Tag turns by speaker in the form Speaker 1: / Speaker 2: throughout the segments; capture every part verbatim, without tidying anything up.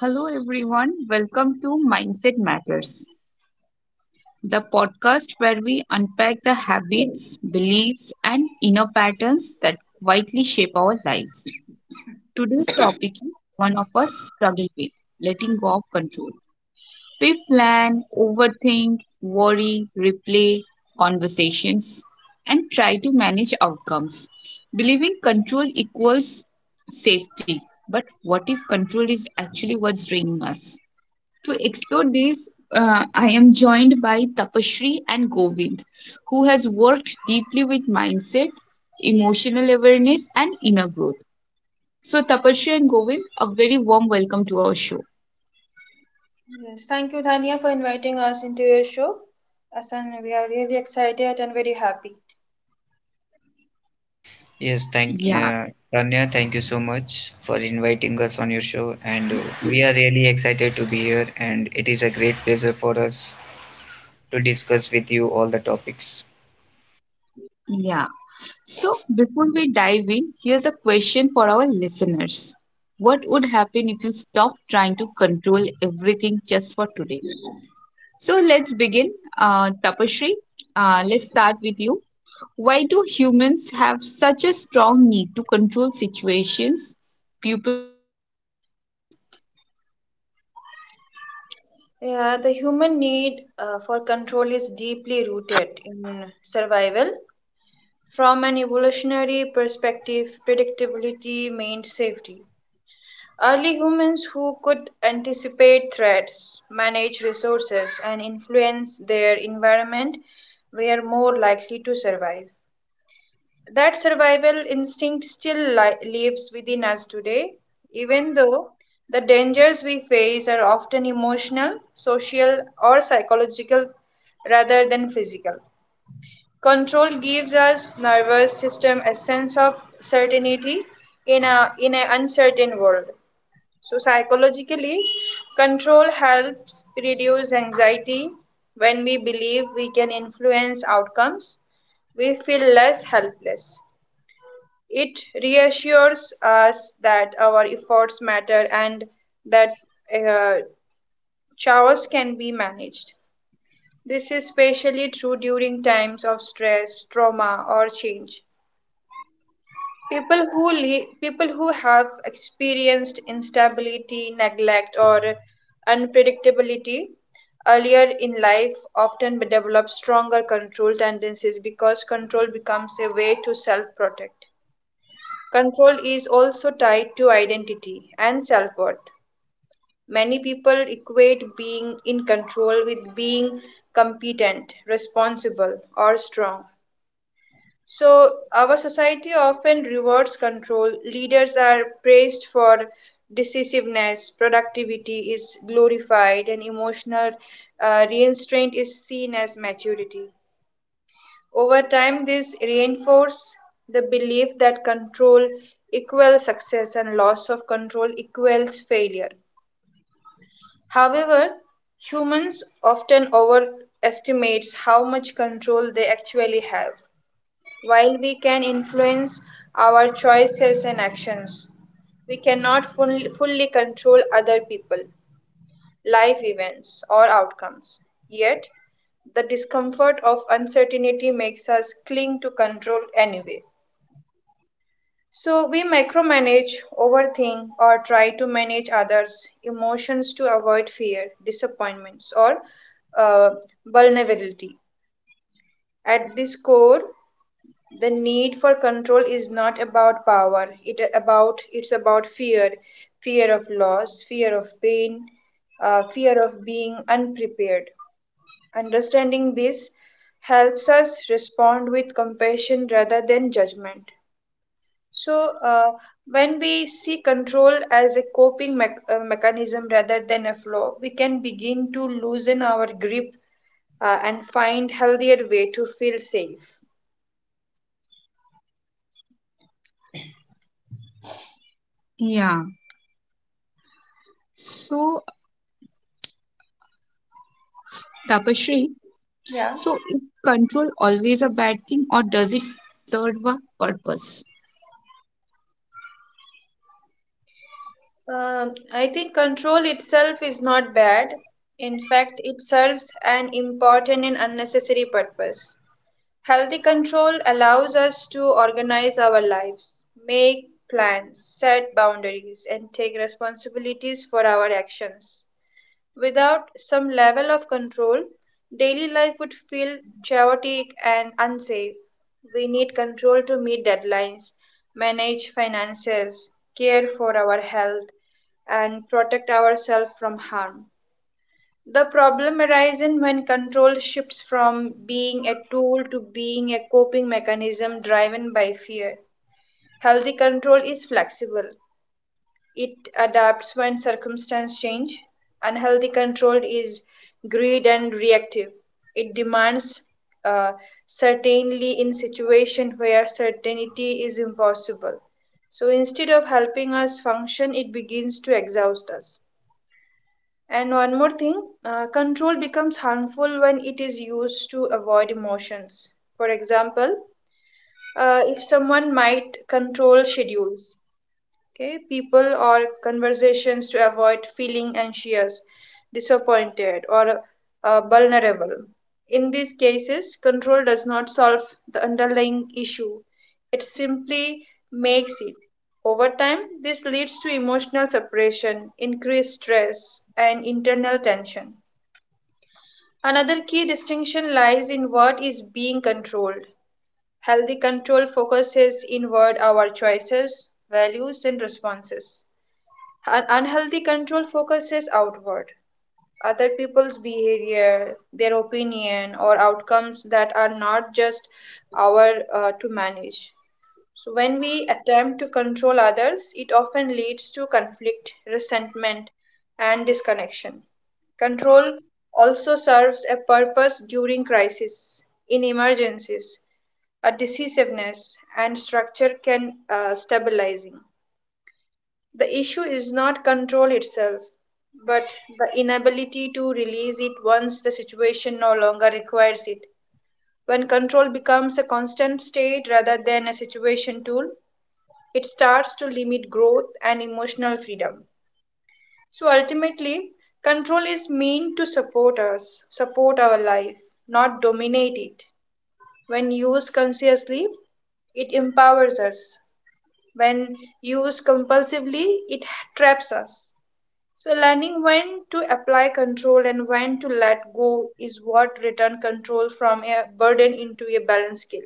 Speaker 1: Hello, everyone. Welcome to Mindset Matters, the podcast where we unpack the habits, beliefs, and inner patterns that quietly shape our lives. Today's topic is one of us struggle with letting go of control. We plan, overthink, worry, replay conversations, and try to manage outcomes, believing control equals safety. But what if control is actually what's draining us? To explore this, uh, I am joined by Tapashri and Govind, who has worked deeply with mindset, emotional awareness, and inner growth. So, Tapashri and Govind, a very warm welcome to our show.
Speaker 2: Yes, thank you, Dhania, for inviting us into your show. Asan, we are really excited and very happy.
Speaker 3: Yes, thank
Speaker 1: Yeah,
Speaker 3: uh, Tanya, thank you so much for inviting us on your show, and uh, we are really excited to be here, and it is a great pleasure for us to discuss with you all the topics.
Speaker 1: yeah. So, before we dive in, here's a question for our listeners. What would happen if you stopped trying to control everything just for today? So, let's begin. Uh, Tapashri, uh, let's start with you. Why do humans have such a strong need to control situations, people, and outcomes?
Speaker 2: Yeah, the human need uh, for control is deeply rooted in survival. From an evolutionary perspective, predictability meant safety. Early humans who could anticipate threats, manage resources, and influence their environment were more likely to survive. That survival instinct still li- lives within us today, even though the dangers we face are often emotional, social, or psychological rather than physical. Control gives us nervous system a sense of certainty in a in an uncertain world. So psychologically, control helps reduce anxiety when we believe we can influence outcomes we feel less helpless. It reassures us that our efforts matter and that uh, chaos can be managed. This is especially true during times of stress, trauma, or change. People who li- people who have experienced instability, neglect, or unpredictability earlier in life often develop stronger control tendencies because control becomes a way to self-protect. Control is also tied to identity and self worth. Many people equate being in control with being competent, responsible, or strong. So, our society often rewards control. Leaders are praised for decisiveness, productivity is glorified, and emotional uh, restraint is seen as maturity. Over time, this reinforces the belief that control equals success and loss of control equals failure. However, humans often overestimate how much control they actually have. While we can influence our choices and actions, we cannot fully, fully control other people life events, or outcomes. Yet, the discomfort of uncertainty makes us cling to control anyway. So, we micromanage, overthink, or try to manage others' emotions to avoid fear, disappointments, or uh, vulnerability. At this core, the need for control is not about power. It about it's about fear, fear of loss, fear of pain, uh, fear of being unprepared. Understanding this helps us respond with compassion rather than judgment. So, uh, when we see control as a coping mech- uh, mechanism rather than a flaw, we can begin to loosen our grip uh, and find healthier way to feel safe.
Speaker 1: Yeah. So, Tapashri,
Speaker 2: Yeah,
Speaker 1: so is control always a bad thing or does it serve a purpose?
Speaker 2: Um I think control itself is not bad. In fact, it serves an important and unnecessary purpose. Healthy control allows us to organize our lives, make plans, set boundaries, and take responsibilities for our actions. Without some level of control, daily life would feel chaotic and unsafe. We need control to meet deadlines, manage finances, care for our health, and protect ourselves from harm. The problem arises when control shifts from being a tool to being a coping mechanism driven by fear. Healthy control is flexible, it adapts when circumstances change. Unhealthy control is greed and reactive, it demands uh, certainly in situations where certainty is impossible. So instead of helping us function, it begins to exhaust us. And one more thing, uh, control becomes harmful when it is used to avoid emotions. For example, uh, if someone might control schedules, okay people or conversations to avoid feeling anxious disappointed or uh, vulnerable in these cases control does not solve the underlying issue, it simply makes it, over time, this leads to emotional separation, increased stress, and internal tension. Another key distinction lies in what is being controlled. Healthy control focuses inward, our choices, values, and responses, an unhealthy control focuses outward, other people's behavior, their opinion, or outcomes that are not just our uh, to manage. So, when we attempt to control others, it often leads to conflict, resentment, and disconnection. Control also serves a purpose during crisis, in emergencies, a decisiveness, and structure can uh, stabilizing. The issue is not control itself, but the inability to release it once the situation no longer requires it. When control becomes a constant state rather than a situation tool, it starts to limit growth and emotional freedom. So ultimately, control is meant to support us, support our life, not dominate it. When used consciously, it empowers us. When used compulsively, it traps us. So, learning when to apply control and when to let go is what return control from a burden into a balanced skill.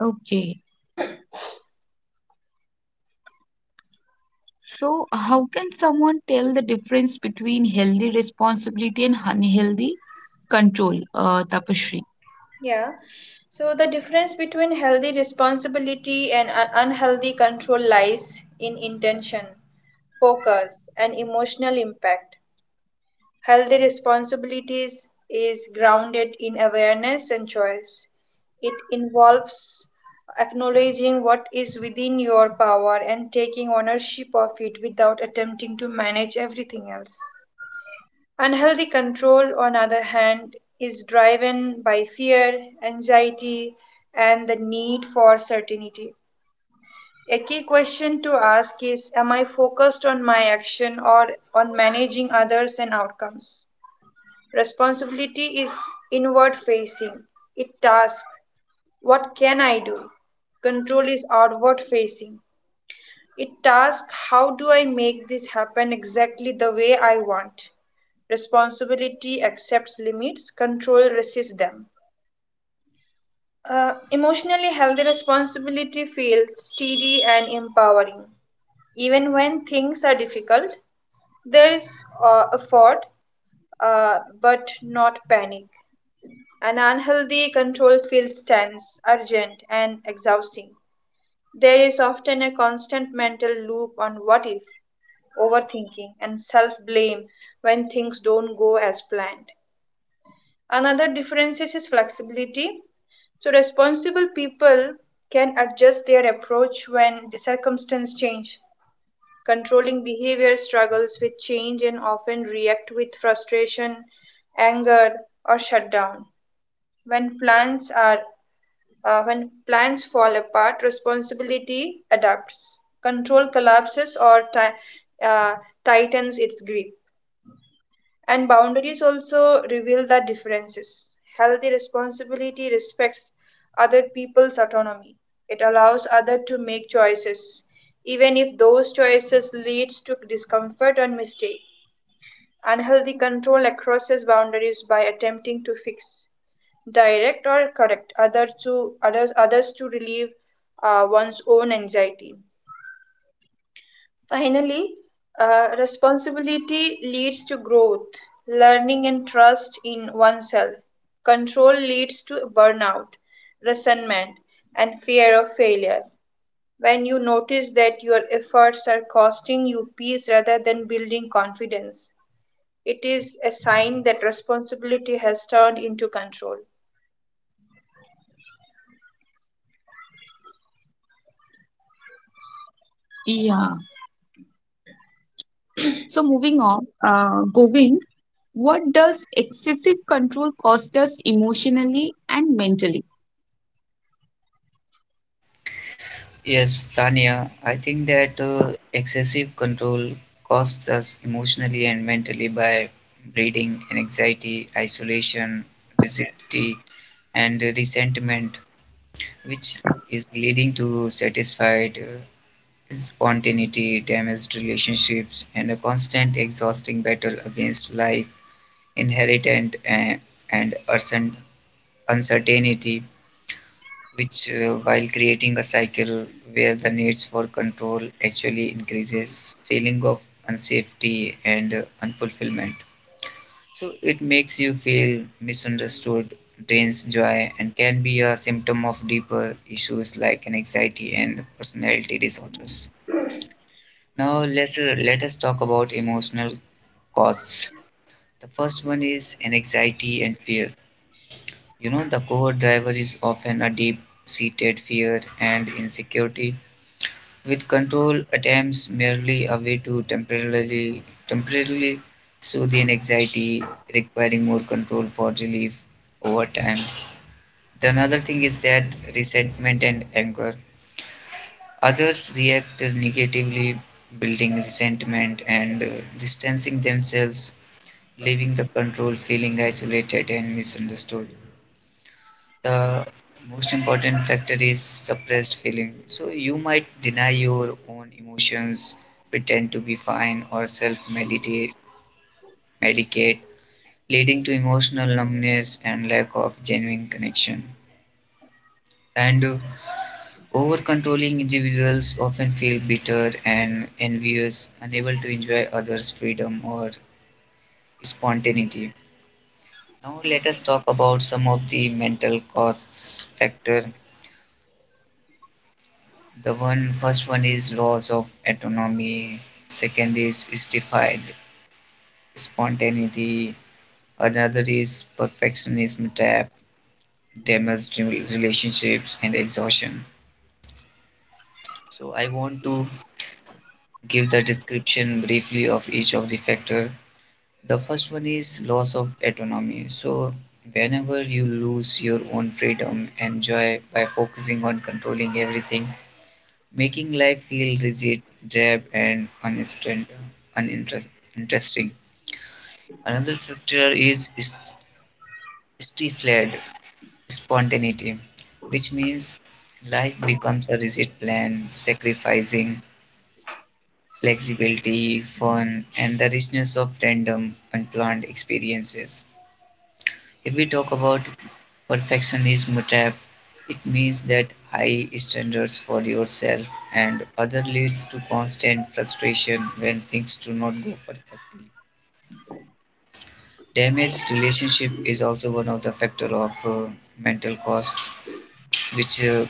Speaker 1: Okay. So, how can someone tell the difference between healthy responsibility and unhealthy control, uh, Tapashri?
Speaker 2: Yeah. So, the difference between healthy responsibility and un- unhealthy control lies in intention, focus, and emotional impact. Healthy responsibilities is grounded in awareness and choice. It involves acknowledging what is within your power and taking ownership of it without attempting to manage everything else. Unhealthy control, on the other hand, is driven by fear, anxiety, and the need for certainty. A key question to ask is, am I focused on my action or on managing others and outcomes? Responsibility is inward facing. It tasks, what can I do? Control is outward facing. It tasks, how do I make this happen exactly the way I want? Responsibility accepts limits, control resists them. Uh, emotionally healthy responsibility feels steady and empowering. Even when things are difficult, there is uh, effort, uh, but not panic. An unhealthy control feels tense, urgent, and exhausting. There is often a constant mental loop on what if, overthinking, and self blame when things don't go as planned. Another difference is his flexibility. So, responsible people can adjust their approach when the circumstances change. Controlling behavior struggles with change and often react with frustration, anger, or shutdown. When plans are Uh, when plans fall apart, responsibility adapts. Control collapses or ti- uh, tightens its grip. And boundaries also reveal the differences. Healthy responsibility respects other people's autonomy. It allows others to make choices, even if those choices leads to discomfort or mistake. Unhealthy control crosses boundaries by attempting to fix direct or correct other to others others to relieve uh, one's own anxiety, finally, uh, responsibility leads to growth, learning, and trust in oneself. Control leads to burnout, resentment, and fear of failure. When you notice that your efforts are costing you peace rather than building confidence, it is a sign that responsibility has turned into control.
Speaker 1: Yeah. So, moving on, uh, Govind, what does excessive control cost us emotionally and mentally?
Speaker 3: Yes, Tanya, I think that uh, excessive control costs us emotionally and mentally by breeding anxiety, isolation, rigidity, and resentment, which is leading to satisfied, uh, spontaneity, damaged relationships, and a constant exhausting battle against life, inherent and, and uncer- uncertainty, which, uh, while creating a cycle where the needs for control actually increases, feeling of unsafety and uh, unfulfillment. So it makes you feel misunderstood, drains joy, and can be a symptom of deeper issues like anxiety and personality disorders. Now let's uh, let us talk about emotional causes. The first one is anxiety and fear. You know, the core driver is often a deep-seated fear and insecurity, with control attempts merely a way to temporarily temporarily soothe the anxiety, requiring more control for relief over time. The another thing is that resentment and anger. Others react negatively, building resentment and uh, distancing themselves, leaving the control, feeling isolated and misunderstood. The most important factor is suppressed feeling. So you might deny your own emotions, pretend to be fine, or self medicate, medicate, leading to emotional numbness and lack of genuine connection. And uh, over controlling individuals often feel bitter and envious, unable to enjoy others' freedom or spontaneity. Now let us talk about some of the mental cost factor. The one first one is loss of autonomy, second is justified spontaneity, another is perfectionism trap, damaged relationships and exhaustion. So I want to give the description briefly of each of the factor. The first one is loss of autonomy. So, whenever you lose your own freedom and joy by focusing on controlling everything, making life feel rigid, drab, and uninterest- uninteresting. Another factor is st- stifled spontaneity, which means life becomes a rigid plan, sacrificing flexibility, fun, and the richness of random, unplanned experiences. If we talk about perfectionism trap, it means that high standards for yourself and other leads to constant frustration when things do not go perfectly. Damaged relationship is also one of the factor of uh, mental costs, which uh,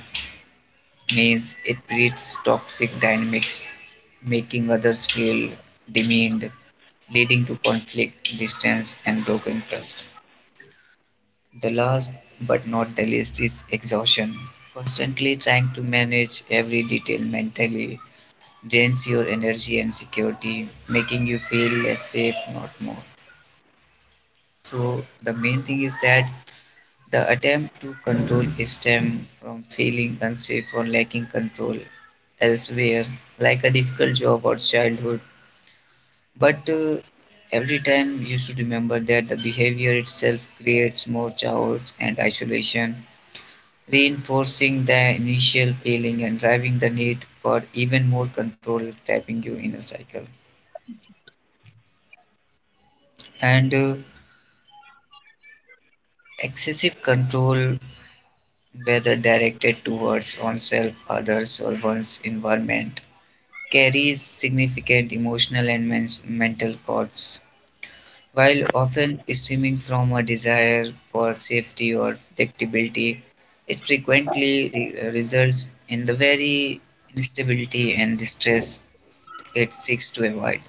Speaker 3: means it breeds toxic dynamics, making others feel demeaned, leading to conflict, distance, and broken trust. The last but not the least is exhaustion. Constantly trying to manage every detail mentally drains your energy and security, making you feel less safe, not more. So, the main thing is that the attempt to control stem from feeling unsafe or lacking control elsewhere, like a difficult job or childhood. But uh, every time you should remember that the behavior itself creates more chaos and isolation, reinforcing the initial feeling and driving the need for even more control, trapping you in a cycle. And uh, excessive control, whether directed towards oneself, others, or one's environment, carries significant emotional and men- mental costs. While often stemming from a desire for safety or predictability, it frequently re- results in the very instability and distress that seeks to avoid.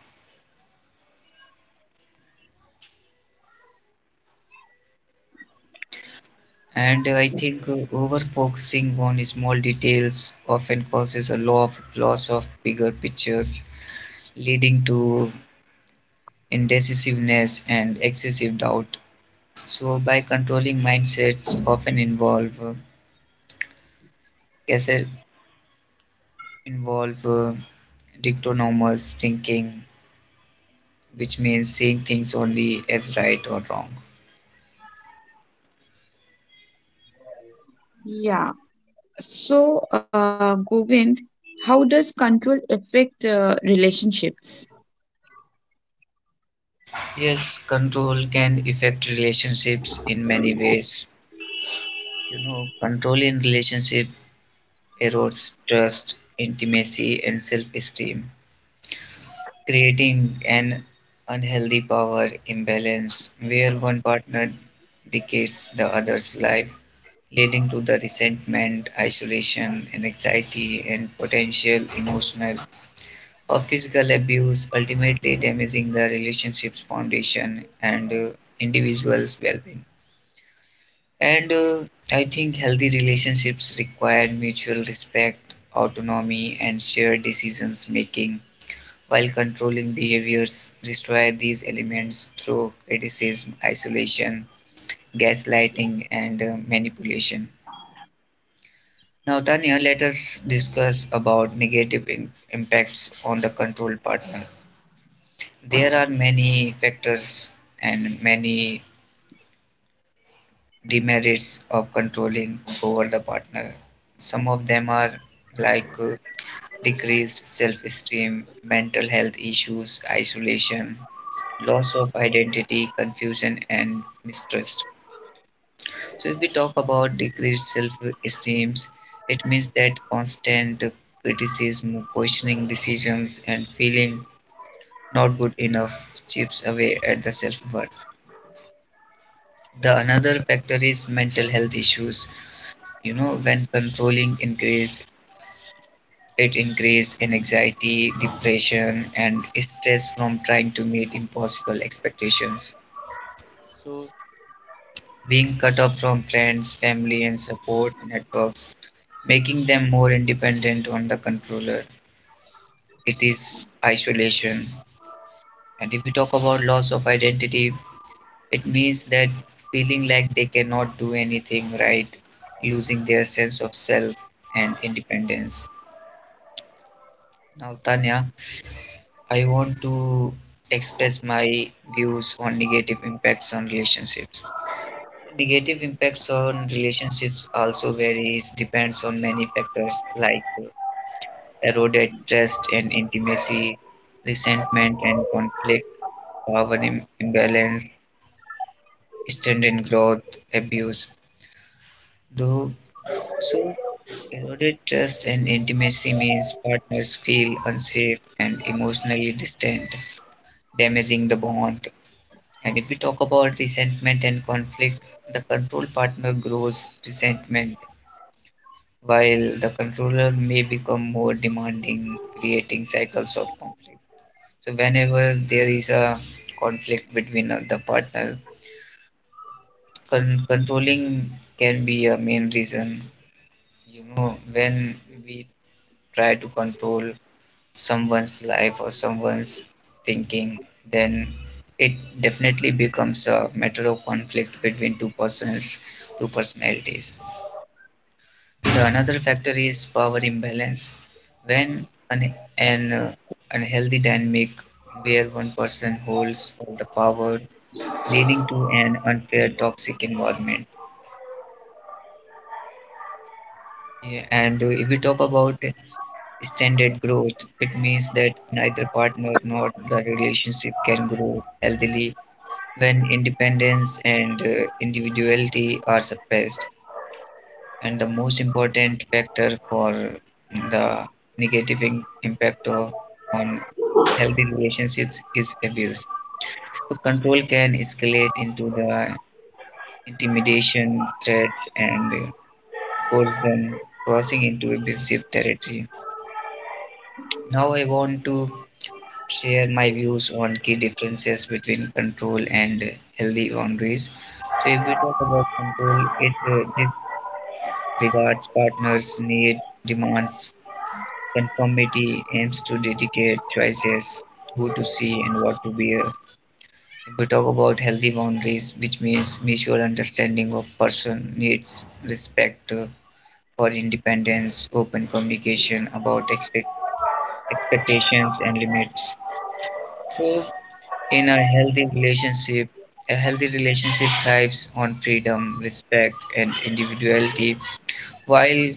Speaker 3: And I think uh, over focusing on small details often causes a lot of loss of bigger pictures, leading to indecisiveness and excessive doubt. So, by controlling mindsets, often involve uh, guess it involve uh, dictonomous thinking, which means seeing things only as right or wrong.
Speaker 1: Yeah. So, uh, Govind, how does control affect uh, relationships?
Speaker 3: Yes, control can affect relationships in many ways. You know, control in relationships erodes trust, intimacy, and self esteem, creating an unhealthy power imbalance where one partner dictates the other's life, leading to the resentment, isolation, and anxiety, and potential emotional or physical abuse, ultimately damaging the relationship's foundation and uh, individual's well being. And uh, I think healthy relationships require mutual respect, autonomy, and shared decisions making, while controlling behaviors destroy these elements through criticism, isolation, gaslighting, and uh, manipulation. Now, Tanya, let us discuss about negative im- impacts on the control partner. There are many factors and many demerits of controlling over the partner. Some of them are like uh, decreased self esteem, mental health issues, isolation, loss of identity, confusion, and mistrust. So, if we talk about decreased self esteem, it means that constant criticism, questioning decisions, and feeling not good enough chips away at the self worth. The another factor is mental health issues. You know, when controlling increased, it increased in anxiety, depression, and stress from trying to meet impossible expectations. So being cut off from friends, family, and support networks, making them more independent on the controller, it is isolation. And if we talk about loss of identity, it means that feeling like they cannot do anything right, losing their sense of self and independence. Now, Tanya, I want to express my views on negative impacts on relationships. Negative impacts on relationships also varies, depends on many factors like eroded trust and intimacy, resentment and conflict, power im- imbalance, stunted growth, abuse. Though, so eroded trust and intimacy means partners feel unsafe and emotionally distant, damaging the bond. And if we talk about resentment and conflict, the control partner grows resentment while the controller may become more demanding, creating cycles of conflict. So, whenever there is a conflict between uh, the partner, con- controlling can be a main reason. You know, when we try to control someone's life or someone's thinking, then it definitely becomes a matter of conflict between two persons, two personalities. The another factor is power imbalance. When an, an uh, unhealthy dynamic where one person holds all the power, leading to an unfair toxic environment. Yeah, and uh, if we talk about extended growth, it means that neither partner nor the relationship can grow healthily when independence and uh, individuality are suppressed. And the most important factor for the negative im- impact o- on healthy relationships is abuse. So control can escalate into the intimidation, threats, and coercion, crossing into abusive territory. Now I want to share my views on key differences between control and healthy boundaries. So, if we talk about control, it uh, disregards partners' need, demands, conformity, aims to dedicate choices, who to see and what to wear. If we talk about healthy boundaries, which means mutual understanding of person needs, respect uh, for independence, open communication about expect expectations and limits. So in a healthy relationship, a healthy relationship thrives on freedom, respect, and individuality, while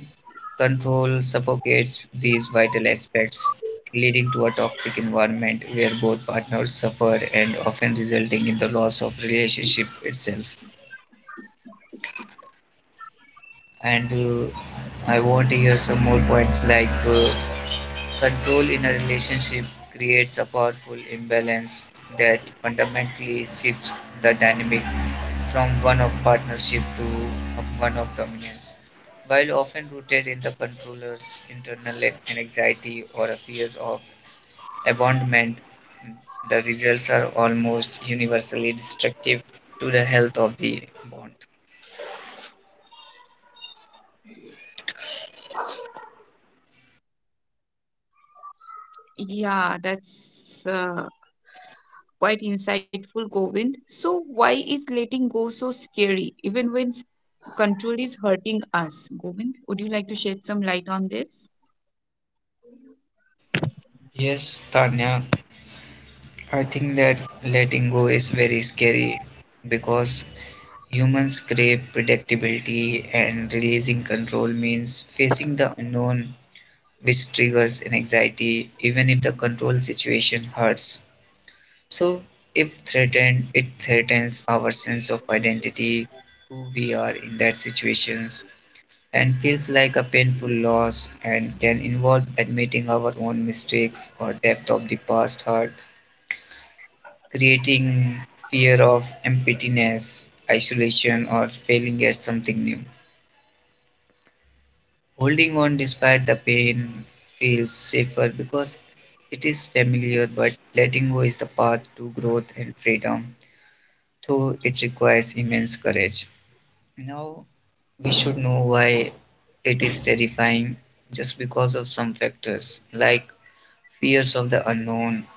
Speaker 3: control suffocates these vital aspects, leading to a toxic environment where both partners suffer and often resulting in the loss of relationship itself. And uh, I want to hear some more points like uh, control in a relationship creates a powerful imbalance that fundamentally shifts the dynamic from one of partnership to one of dominance. While often rooted in the controller's internal anxiety or a fear of abandonment, the results are almost universally destructive to the health of the bond.
Speaker 1: Yeah, that's uh, quite insightful, Govind. So, why is letting go so scary, even when s- control is hurting us? Govind, would you like to shed some light on this?
Speaker 3: Yes, Tanya, I think that letting go is very scary because humans crave predictability, and releasing control means facing the unknown, which triggers an anxiety, even if the control situation hurts. So, if threatened, it threatens our sense of identity, who we are in that situations, and feels like a painful loss and can involve admitting our own mistakes or depth of the past hurt, creating fear of emptiness, isolation, or failing at something new. Holding on despite the pain feels safer because it is familiar, but letting go is the path to growth and freedom, though it requires immense courage. Now we should know why it is terrifying, just because of some factors like fears of the unknown,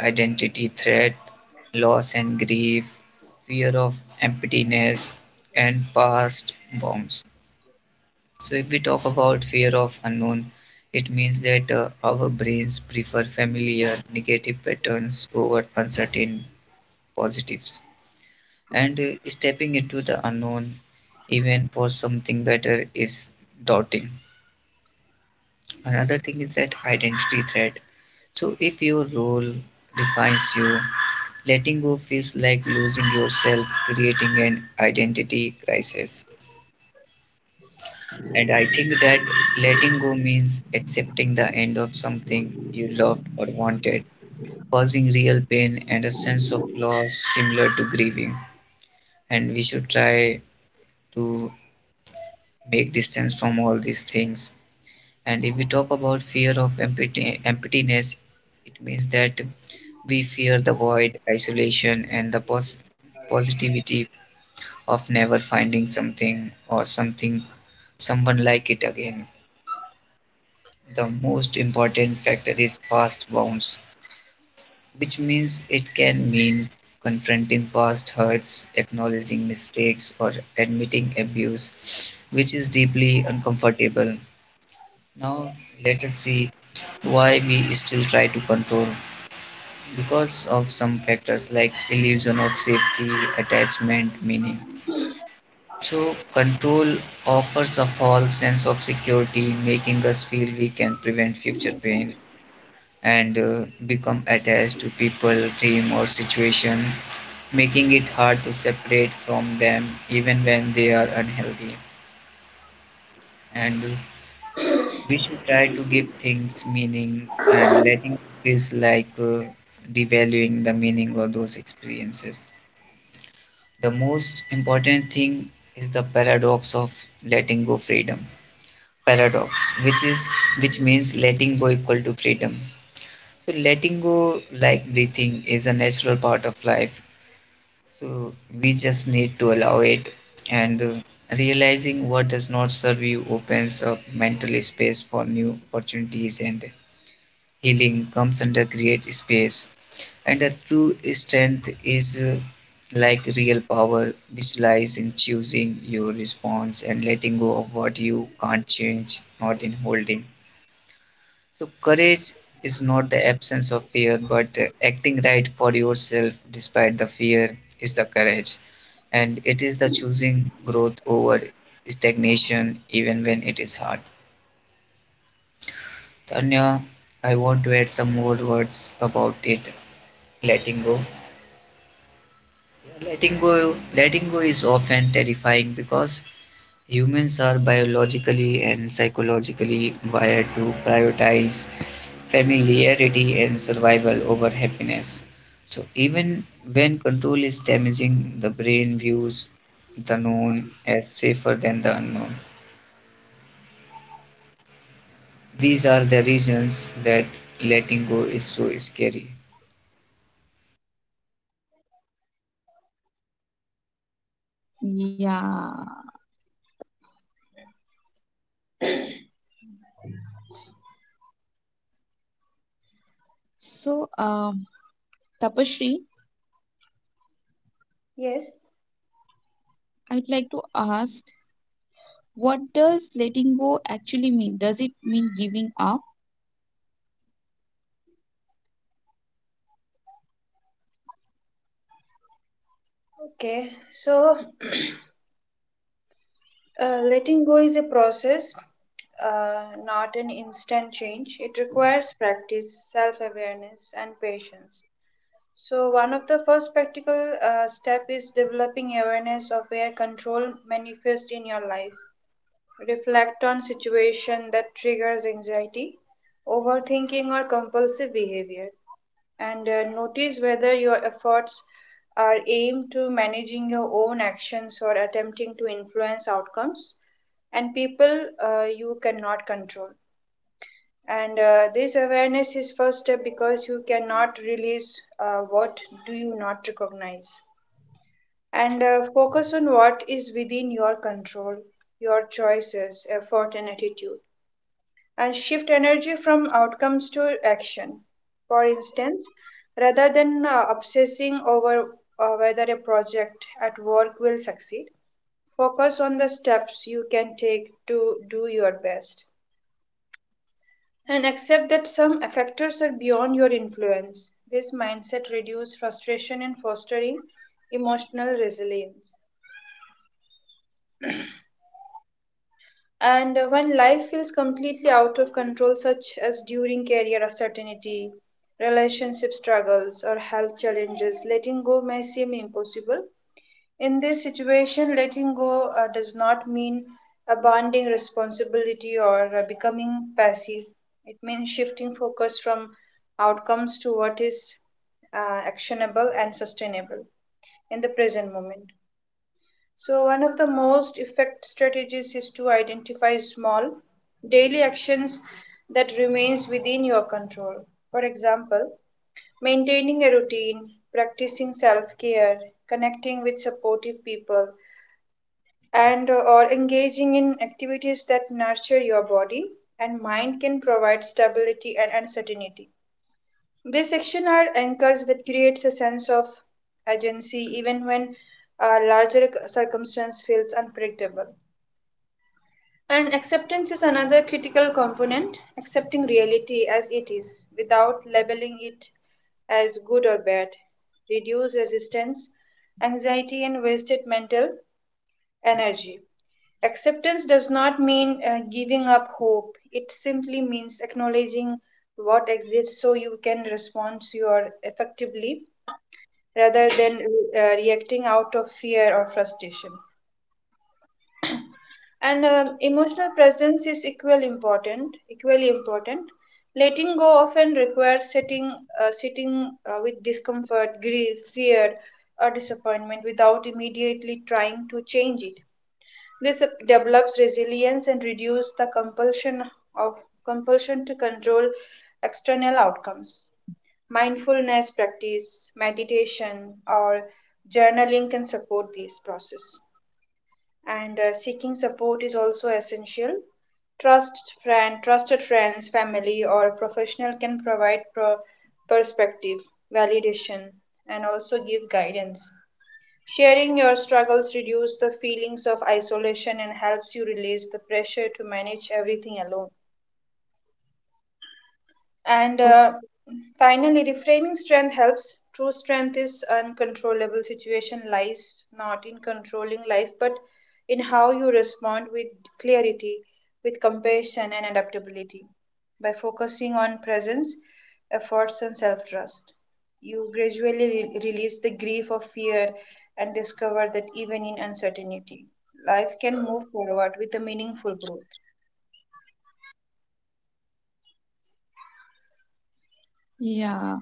Speaker 3: identity threat, loss and grief, fear of emptiness, and past wounds. So, if we talk about fear of unknown, it means that uh, our brains prefer familiar negative patterns over uncertain positives. And uh, stepping into the unknown, even for something better, is daunting. Another thing is that identity threat. So, if your role defines you, letting go feels like losing yourself, creating an identity crisis. And I think that letting go means accepting the end of something you loved or wanted, causing real pain and a sense of loss similar to grieving. And we should try to make distance from all these things. And if we talk about fear of empty, emptiness, it means that we fear the void, isolation, and the pos- positivity of never finding something or something, someone like it again. The most important factor is past wounds, which means it can mean confronting past hurts, acknowledging mistakes, or admitting abuse, which is deeply uncomfortable. Now, let us see why we still try to control. Because of some factors like illusion of safety, attachment, meaning. So, control offers a false sense of security, making us feel we can prevent future pain. And uh, become attached to people, dream, or situation, making it hard to separate from them even when they are unhealthy. And uh, we should try to give things meaning and letting feels like uh, devaluing the meaning of those experiences. The most important thing is the paradox of letting go freedom paradox, which is which means letting go equal to freedom. So letting go, like breathing, is a natural part of life. So we just need to allow it. And uh, realizing what does not serve you opens up mental space for new opportunities, and healing comes under great space. And a true strength is uh, like real power, which lies in choosing your response and letting go of what you can't change, not in holding. So, courage is not the absence of fear, but uh, acting right for yourself despite the fear is the courage. And it is the choosing growth over stagnation, even when it is hard. Tanya, I want to add some more words about it letting go. Yeah, letting go letting go is often terrifying because humans are biologically and psychologically wired to prioritize familiarity and survival over happiness. So even when control is damaging, the brain views the known as safer than the unknown. These are the reasons that letting go is so scary.
Speaker 1: Yeah. So, um, Tapashri,
Speaker 2: Yes.
Speaker 1: I'd like to ask, what does letting go actually mean? Does it mean giving up?
Speaker 2: Okay. So Uh, letting go is a process, uh, not an instant change. It requires practice, self awareness, and patience. So, one of the first practical uh, step is developing awareness of where control manifests in your life. Reflect on situation that triggers anxiety, overthinking, or compulsive behavior, and uh, notice whether your efforts are aimed to managing your own actions or attempting to influence outcomes and people uh, you cannot control, and uh, this awareness is first step because you cannot release uh, what do you not recognize, and uh, focus on what is within your control, your choices effort and attitude, and shift energy from outcomes to action. For instance, rather than uh, obsessing over uh, whether a project at work will succeed, focus on the steps you can take to do your best and accept that some factors are beyond your influence. This mindset reduces frustration and fostering emotional resilience. And uh, when life feels completely out of control, such as during career uncertainty, relationship struggles, or health challenges, letting go may seem impossible. In this situation, letting go uh, does not mean abandoning responsibility or uh, becoming passive. It means shifting focus from outcomes to what is uh, actionable and sustainable in the present moment. So, one of the most effective strategies is to identify small daily actions that remains within your control. For example, maintaining a routine, practicing self-care, connecting with supportive people, and uh, or engaging in activities that nurture your body and mind can provide stability and uncertainty. These actions are anchors that creates a sense of agency even when a larger circumstance feels unpredictable. And acceptance is another critical component, accepting reality as it is without labeling it as good or bad, reduces resistance, anxiety, and wasted mental energy. Acceptance does not mean uh, giving up hope, it simply means acknowledging what exists so you can respond to your effectively rather than uh, reacting out of fear or frustration. And um, emotional presence is equally important equally important, letting go often requires sitting uh, sitting uh, with discomfort, grief, fear, or disappointment without immediately trying to change it. This develops resilience and reduces the compulsion of compulsion to control external outcomes. Mindfulness practice, meditation, or journaling can support this process. And uh, seeking support is also essential. Trust friend, trusted friends, family, or professional can provide pro- perspective, validation, and also give guidance. Sharing your struggles reduces the feelings of isolation and helps you release the pressure to manage everything alone. And
Speaker 1: Oh,
Speaker 2: uh, finally, reframing strength helps. True strength is uncontrollable situation lies not in controlling life, but in how you respond with clarity, with compassion and adaptability. By focusing on presence, efforts, and self trust, you gradually re- release the grief of fear and discover that even in uncertainty, life can move forward with a meaningful growth.
Speaker 1: yeah.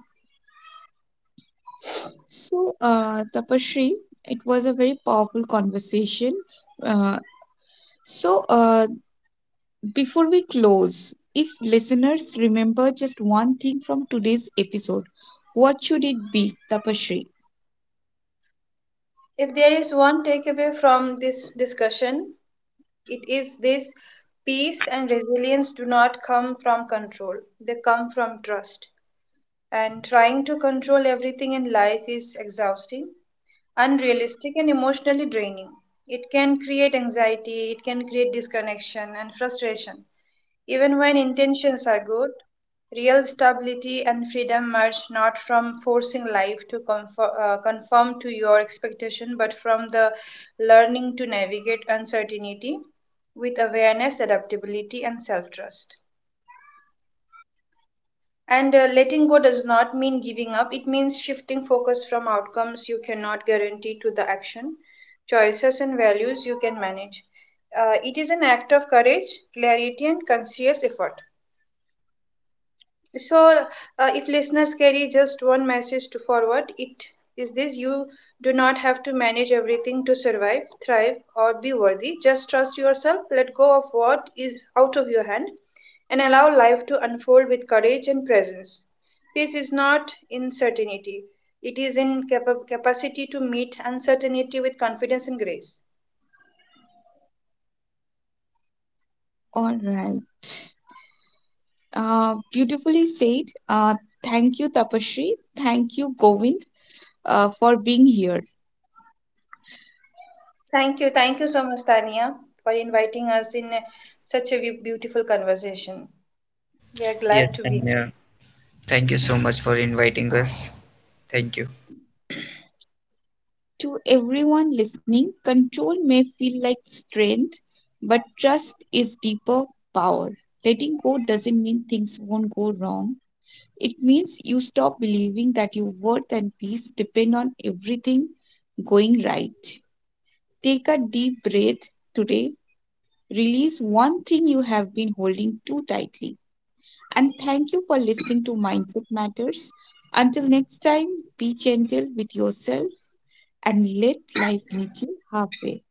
Speaker 1: So, uh, Tapashri, it was a very powerful conversation. Uh, so, uh, Before we close, if listeners remember just one thing from today's episode, what should it be, Tapashri?
Speaker 2: If there is one takeaway from this discussion, it is this, peace and resilience do not come from control, they come from trust. And trying to control everything in life is exhausting, unrealistic, and emotionally draining. It can create anxiety, it can create disconnection and frustration. Even when intentions are good, real stability and freedom emerge not from forcing life to conform, uh, conform to your expectation, but from the learning to navigate uncertainty with awareness, adaptability, and self trust. And uh, letting go does not mean giving up, it means shifting focus from outcomes you cannot guarantee to the action, choices, and values you can manage. Uh, it is an act of courage, clarity, and conscious effort. So, uh, if listeners carry just one message to forward, it is this, you do not have to manage everything to survive, thrive, or be worthy. Just trust yourself, let go of what is out of your hand, and allow life to unfold with courage and presence. Peace is not in certainty, it is in capa- capacity to meet uncertainty with confidence and grace.
Speaker 1: All right. Uh, beautifully said. Uh, thank you, Tapashri. Thank you, Govind, uh, for being here.
Speaker 2: Thank you, thank you so much, Tania, for inviting us in uh, such a be- beautiful conversation. We are glad
Speaker 3: Yes,
Speaker 2: to be here.
Speaker 3: Tanya. Thank you so much for inviting us. Thank you.
Speaker 1: To everyone listening, control may feel like strength, but trust is deeper power. Letting go doesn't mean things won't go wrong. It means you stop believing that your worth and peace depend on everything going right. Take a deep breath today. Release one thing you have been holding too tightly. And thank you for listening to Mindful Matters. Until next time, be gentle with yourself and let life meet you halfway.